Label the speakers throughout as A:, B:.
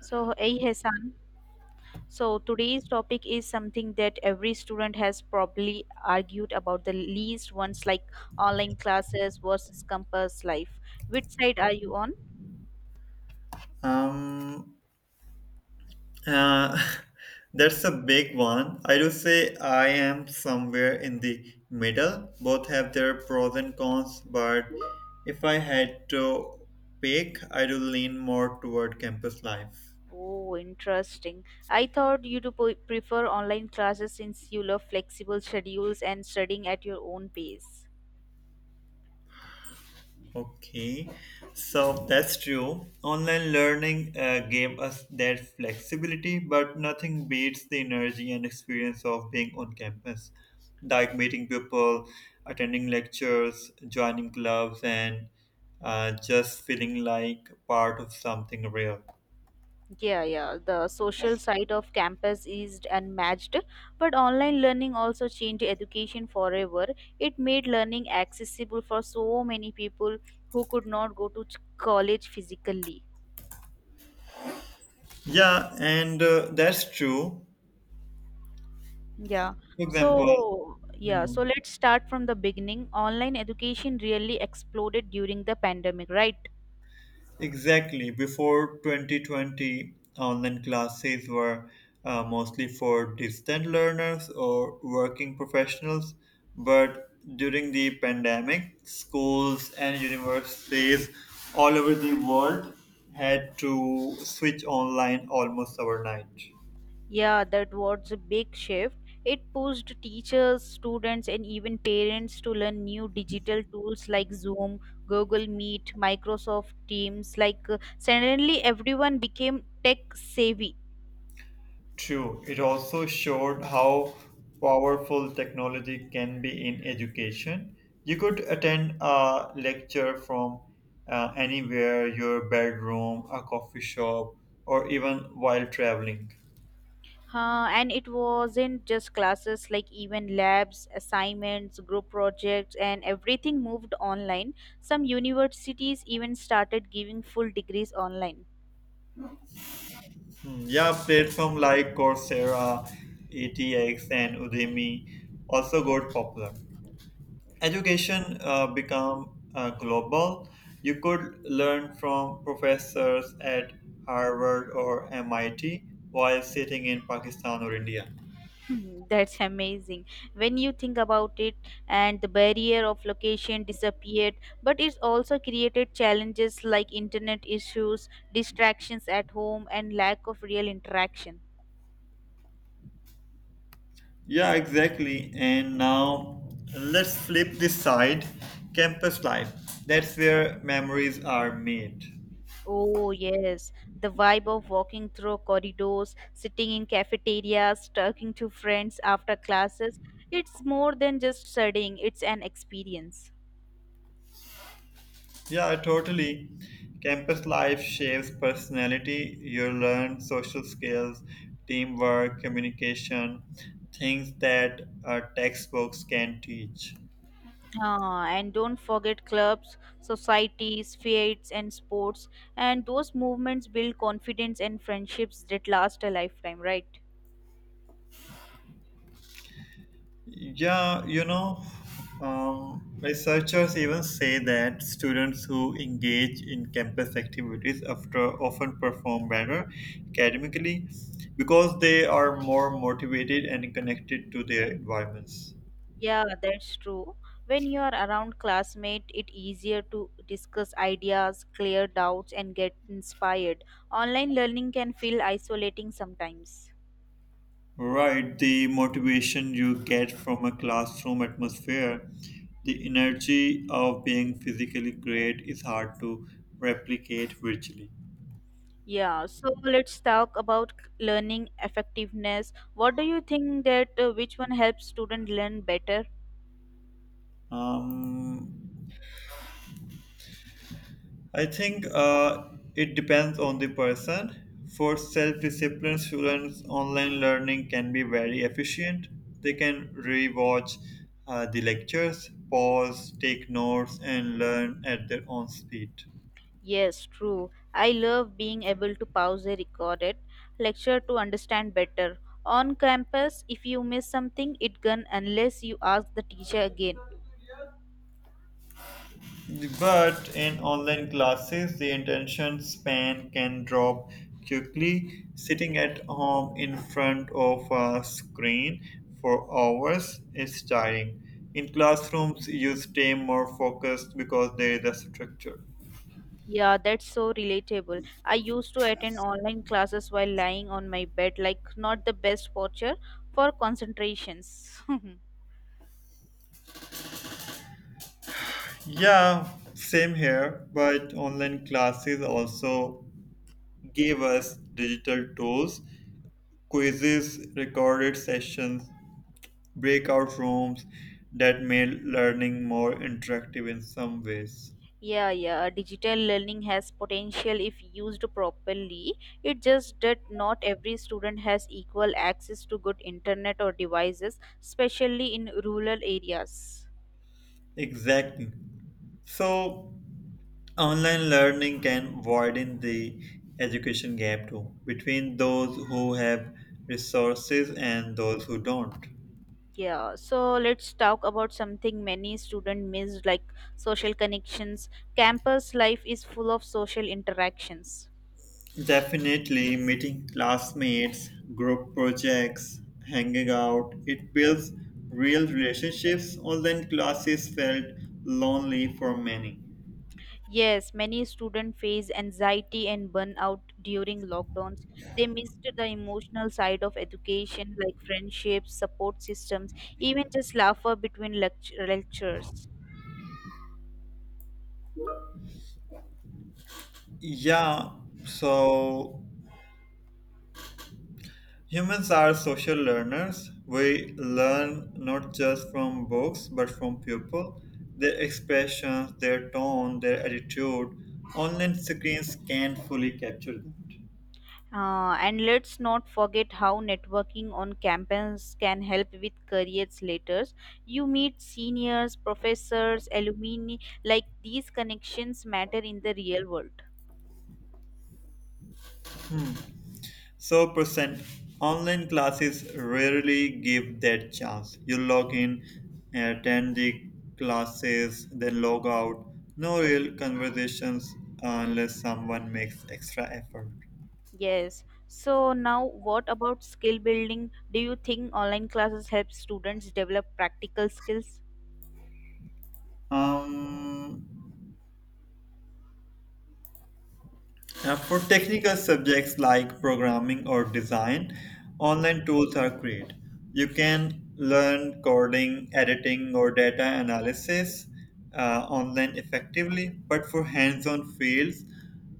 A: So, hey Hassan. So, today's topic is something that every student has probably argued about the least once, like online classes versus campus life. Which side are you on?
B: Um, uh, that's a big one. I do say I am somewhere in the middle. Both have their pros and cons, but if I had to pick, I do lean more toward campus life.
A: Oh, interesting. I thought you to prefer online classes since you love flexible schedules and studying at your own pace.
B: Okay, so that's true. Online learning gave us that flexibility, but nothing beats the energy and experience of being on campus, like meeting people, attending lectures, joining clubs, and just feeling like part of something real.
A: Yeah, yeah. The social side of campus is unmatched, but online learning also changed education forever. It made learning accessible for so many people who could not go to college physically.
B: Yeah, and that's true.
A: Yeah.
B: For example,
A: So
B: hmm,
A: let's start from the beginning. Online education really exploded during the pandemic, right?
B: exactly. Before 2020, online classes were mostly for distant learners or working professionals. But during the pandemic, schools and universities all over the world had to switch online almost overnight.
A: Yeah, that was a big shift. It pushed teachers, students, and even parents to learn new digital tools like Zoom, Google Meet, Microsoft Teams. Like, suddenly everyone became tech savvy.
B: True, it also showed how powerful technology can be in education. You could attend a lecture from anywhere, your bedroom, a coffee shop, or even while traveling.
A: Huh? And it wasn't just classes, like, even labs, assignments, group projects, and everything moved online. Some universities even started giving full degrees online.
B: Hmm, yeah, platform like Coursera, ETX, and Udemy also got popular. Education become global. You could learn from professors at Harvard or MIT while sitting in Pakistan or India.
A: That's amazing. When you think about it, and the barrier of location disappeared, but it's also created challenges like internet issues, distractions at home, and lack of real interaction.
B: Yeah, exactly. And now let's flip this side. Campus life, that's where memories are made.
A: Oh, yes. The vibe of walking through corridors, sitting in cafeterias, talking to friends after classes. It's more than just studying, it's an experience.
B: Yeah, totally. Campus life shapes personality. You learn social skills, teamwork, communication, things that textbooks can teach.
A: Ah, and don't forget clubs, societies, fairs, and sports. And those movements build confidence and friendships that last a lifetime, right?
B: Yeah, you know, researchers even say that students who engage in campus activities after often perform better academically because they are more motivated and connected to their environments.
A: Yeah, that's true. When you are around classmates, it's easier to discuss ideas, clear doubts, and get inspired. Online learning can feel isolating sometimes.
B: Right, the motivation you get from a classroom atmosphere, the energy of being physically great is hard to replicate virtually.
A: Yeah, so let's talk about learning effectiveness. What do you think that which one helps students learn better?
B: Um, I think it depends on the person. For self disciplined students, online learning can be very efficient. They can rewatch the lectures, pause, take notes, and learn at their own speed.
A: Yes, true. I love being able to pause a recorded lecture to understand better. On campus, if you miss something, it gone unless you ask the teacher again.
B: But in online classes, the attention span can drop quickly. Sitting at home in front of a screen for hours is tiring. In classrooms, you stay more focused because there is a structure.
A: Yeah, that's so relatable. I used to attend online classes while lying on my bed, like not the best posture for concentrations.
B: Yeah, same here. But online classes also gave us digital tools, quizzes, recorded sessions, breakout rooms that made learning more interactive in some ways.
A: Yeah, yeah. Digital learning has potential if used properly. It just that not every student has equal access to good internet or devices, especially in rural areas.
B: Exactly. So, online learning can widen the education gap too, between those who have resources and those who don't.
A: Yeah, so let's talk about something many students miss, like social connections. Campus life is full of social interactions.
B: Definitely, meeting classmates, group projects, hanging out, it builds real relationships. Online classes felt lonely for many.
A: Yes, many students face anxiety and burnout during lockdowns. They missed the emotional side of education, like friendships, support systems, even just laughter between lectures.
B: Yeah, so humans are social learners. We learn not just from books but from people, their expressions, their tone, their attitude. Online screens can't fully capture that.
A: And let's not forget how networking on campus can help with careers later. You meet seniors, professors, alumni, like these connections matter in the real world.
B: So, percent online classes rarely give that chance. You log in, attend the classes, then log out. No real conversations unless someone makes extra effort.
A: Yes. So now what about skill building? Do you think online classes help students develop practical skills?
B: Um, for technical subjects like programming or design, online tools are great. You can learn coding, editing, or data analysis online effectively, but for hands on fields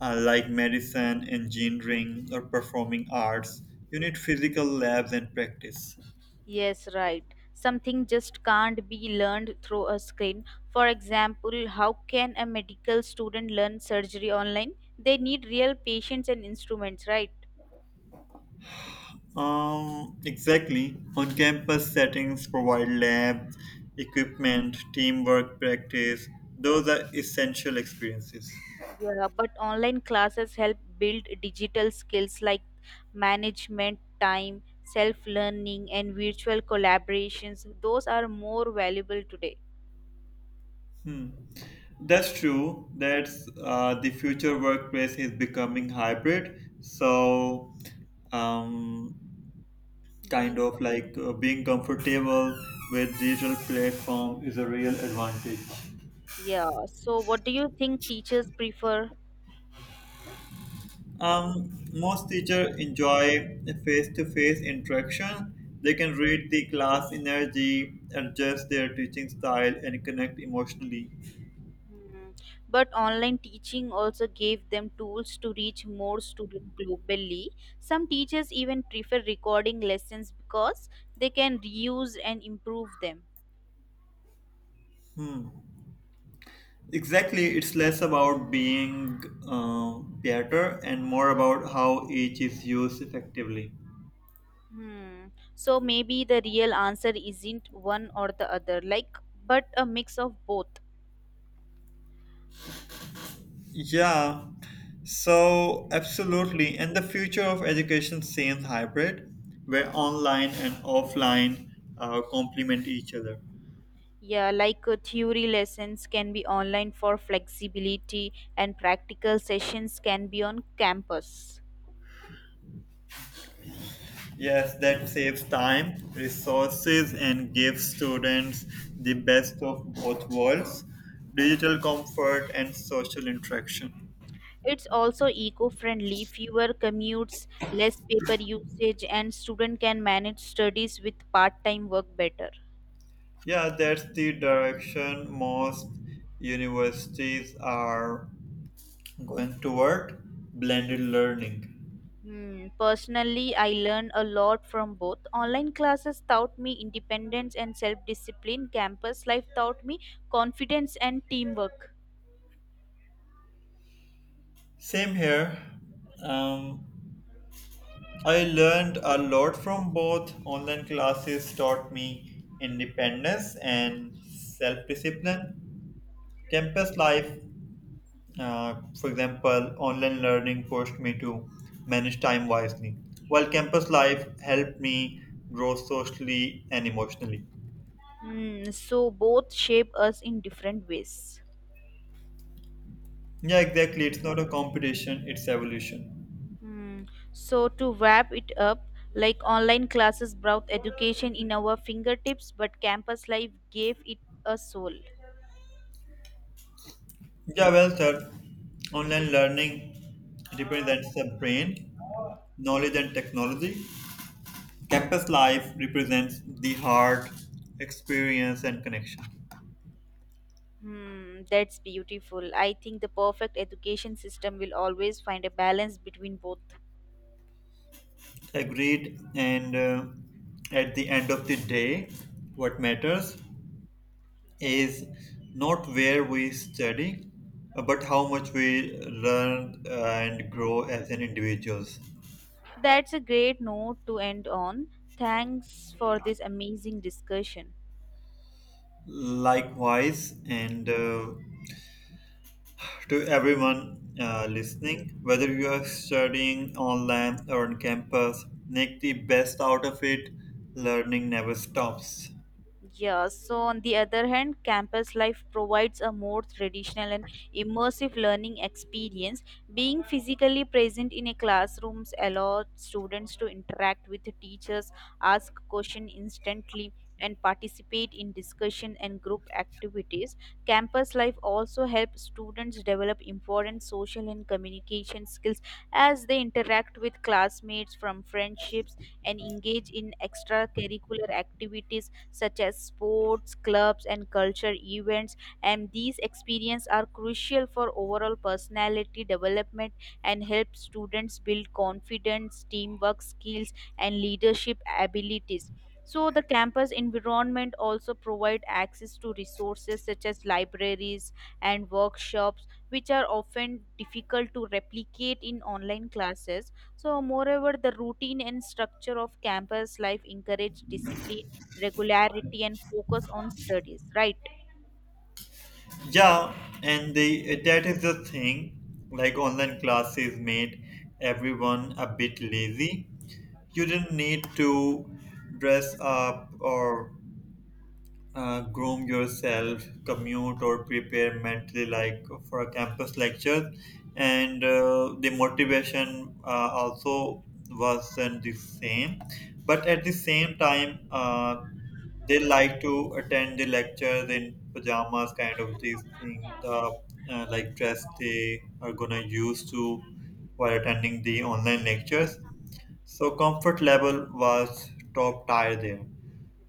B: like medicine, engineering, or performing arts, you need physical labs and practice.
A: Yes, right. Something just can't be learned through a screen. For example, how can a medical student learn surgery online? They need real patients and instruments, right?
B: Exactly. On campus settings provide labs, equipment, teamwork practice. Those are essential experiences.
A: Yeah, but online classes help build digital skills like management, time, self learning, and virtual collaborations. Those are more valuable today.
B: Hmm. That's true. That's the future workplace is becoming hybrid. Um, kind
A: Being
B: of
A: com-
B: like being comfortable with digital platform is a real advantage.
A: Yeah, so what do you think teachers prefer?
B: Most teachers enjoy face-to-face interaction. They can read the class energy, adjust their teaching style, and connect emotionally.
A: Hmm. But online teaching also gave them tools to reach more students globally. Some teachers even prefer recording lessons because they can reuse and improve them.
B: Hmm. Exactly, it's less about being better and more about how each is used effectively.
A: Hmm. So maybe the real answer isn't one or the other, like, but a mix of both.
B: Yeah, so absolutely. And the future of education seems hybrid, where online and offline complement each other.
A: Yeah, like theory lessons can be online for flexibility, and practical sessions can be on campus.
B: Yes, that saves time, resources, and gives students the best of both worlds, digital comfort and social interaction.
A: It's also eco-friendly, fewer commutes, less paper usage, and student can manage studies with part-time work better.
B: Yeah, that's the direction most universities are going toward blended learning.
A: Hmm. Personally, I learned a lot from both. Online classes taught me independence and self-discipline. Campus life taught me confidence and teamwork.
B: Same here. Um, I learned a lot from both. Online classes taught me independence and self discipline. Campus life for example, online learning forced me to manage time wisely, while campus life helped me grow socially and emotionally.
A: Hmm. So both shape us in different ways.
B: Yeah, exactly. It's not a competition, it's evolution.
A: Hmm. So, to wrap it up, like, online classes brought education in our fingertips, but campus life gave it a soul.
B: Yeah, well, sir, online learning represents the brain, knowledge, and technology. Campus life represents the heart, experience, and connection.
A: Hmm, that's beautiful. I think the perfect education system will always find a balance between both.
B: Agreed. And at the end of the day, what matters? Is not where we study, but how much we learn and grow as an individuals.
A: That's a great note to end on. Thanks for this amazing discussion.
B: Likewise, and to everyone listening, whether you are studying online or on campus, make the best out of it. Learning never stops.
A: Yeah, so on the other hand, campus life provides a more traditional and immersive learning experience. Being physically present in a classrooms allows students to interact with the teachers, ask questions instantly, and participate in discussion and group activities. Campus life also helps students develop important social and communication skills as they interact with classmates from friendships and engage in extracurricular activities such as sports, clubs, and culture events. And these experiences are crucial for overall personality development and help students build confidence, teamwork skills, and leadership abilities. So, the campus environment also provide access to resources such as libraries and workshops, which are often difficult to replicate in online classes. So, moreover, the routine and structure of campus life encourage discipline regularity and focus on studies, right?
B: Yeah, and the that is the thing. Like online classes made everyone a bit lazy. You didn't need to dress up or groom yourself, commute or prepare mentally like for a campus lecture. And the motivation also wasn't the same. But at the same time, they like to attend the lectures in pajamas, kind of these things, the like dress they are gonna use to while attending the online lectures, so comfort level was top tier there.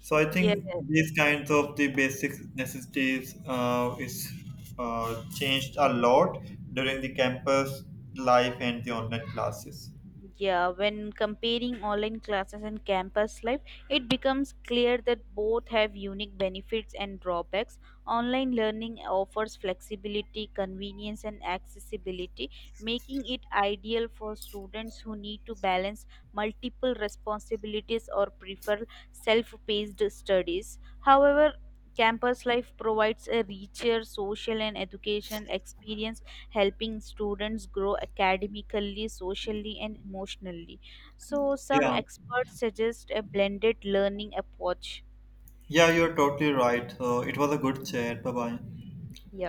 B: So I
A: Yes.
B: think these kinds of the basic necessities is changed a lot during the campus life and the online classes.
A: Yeah, when comparing online classes and campus life, it becomes clear that both have unique benefits and drawbacks. Online learning offers flexibility, convenience, and accessibility, making it ideal for students who need to balance multiple responsibilities or prefer self paced studies. However, campus life provides a richer social and educational experience, helping students grow academically, socially, and emotionally. So, some
B: Yeah,
A: experts suggest a blended learning approach.
B: yeah, you're totally right. So it was a good chat. Bye bye.
A: Yeah.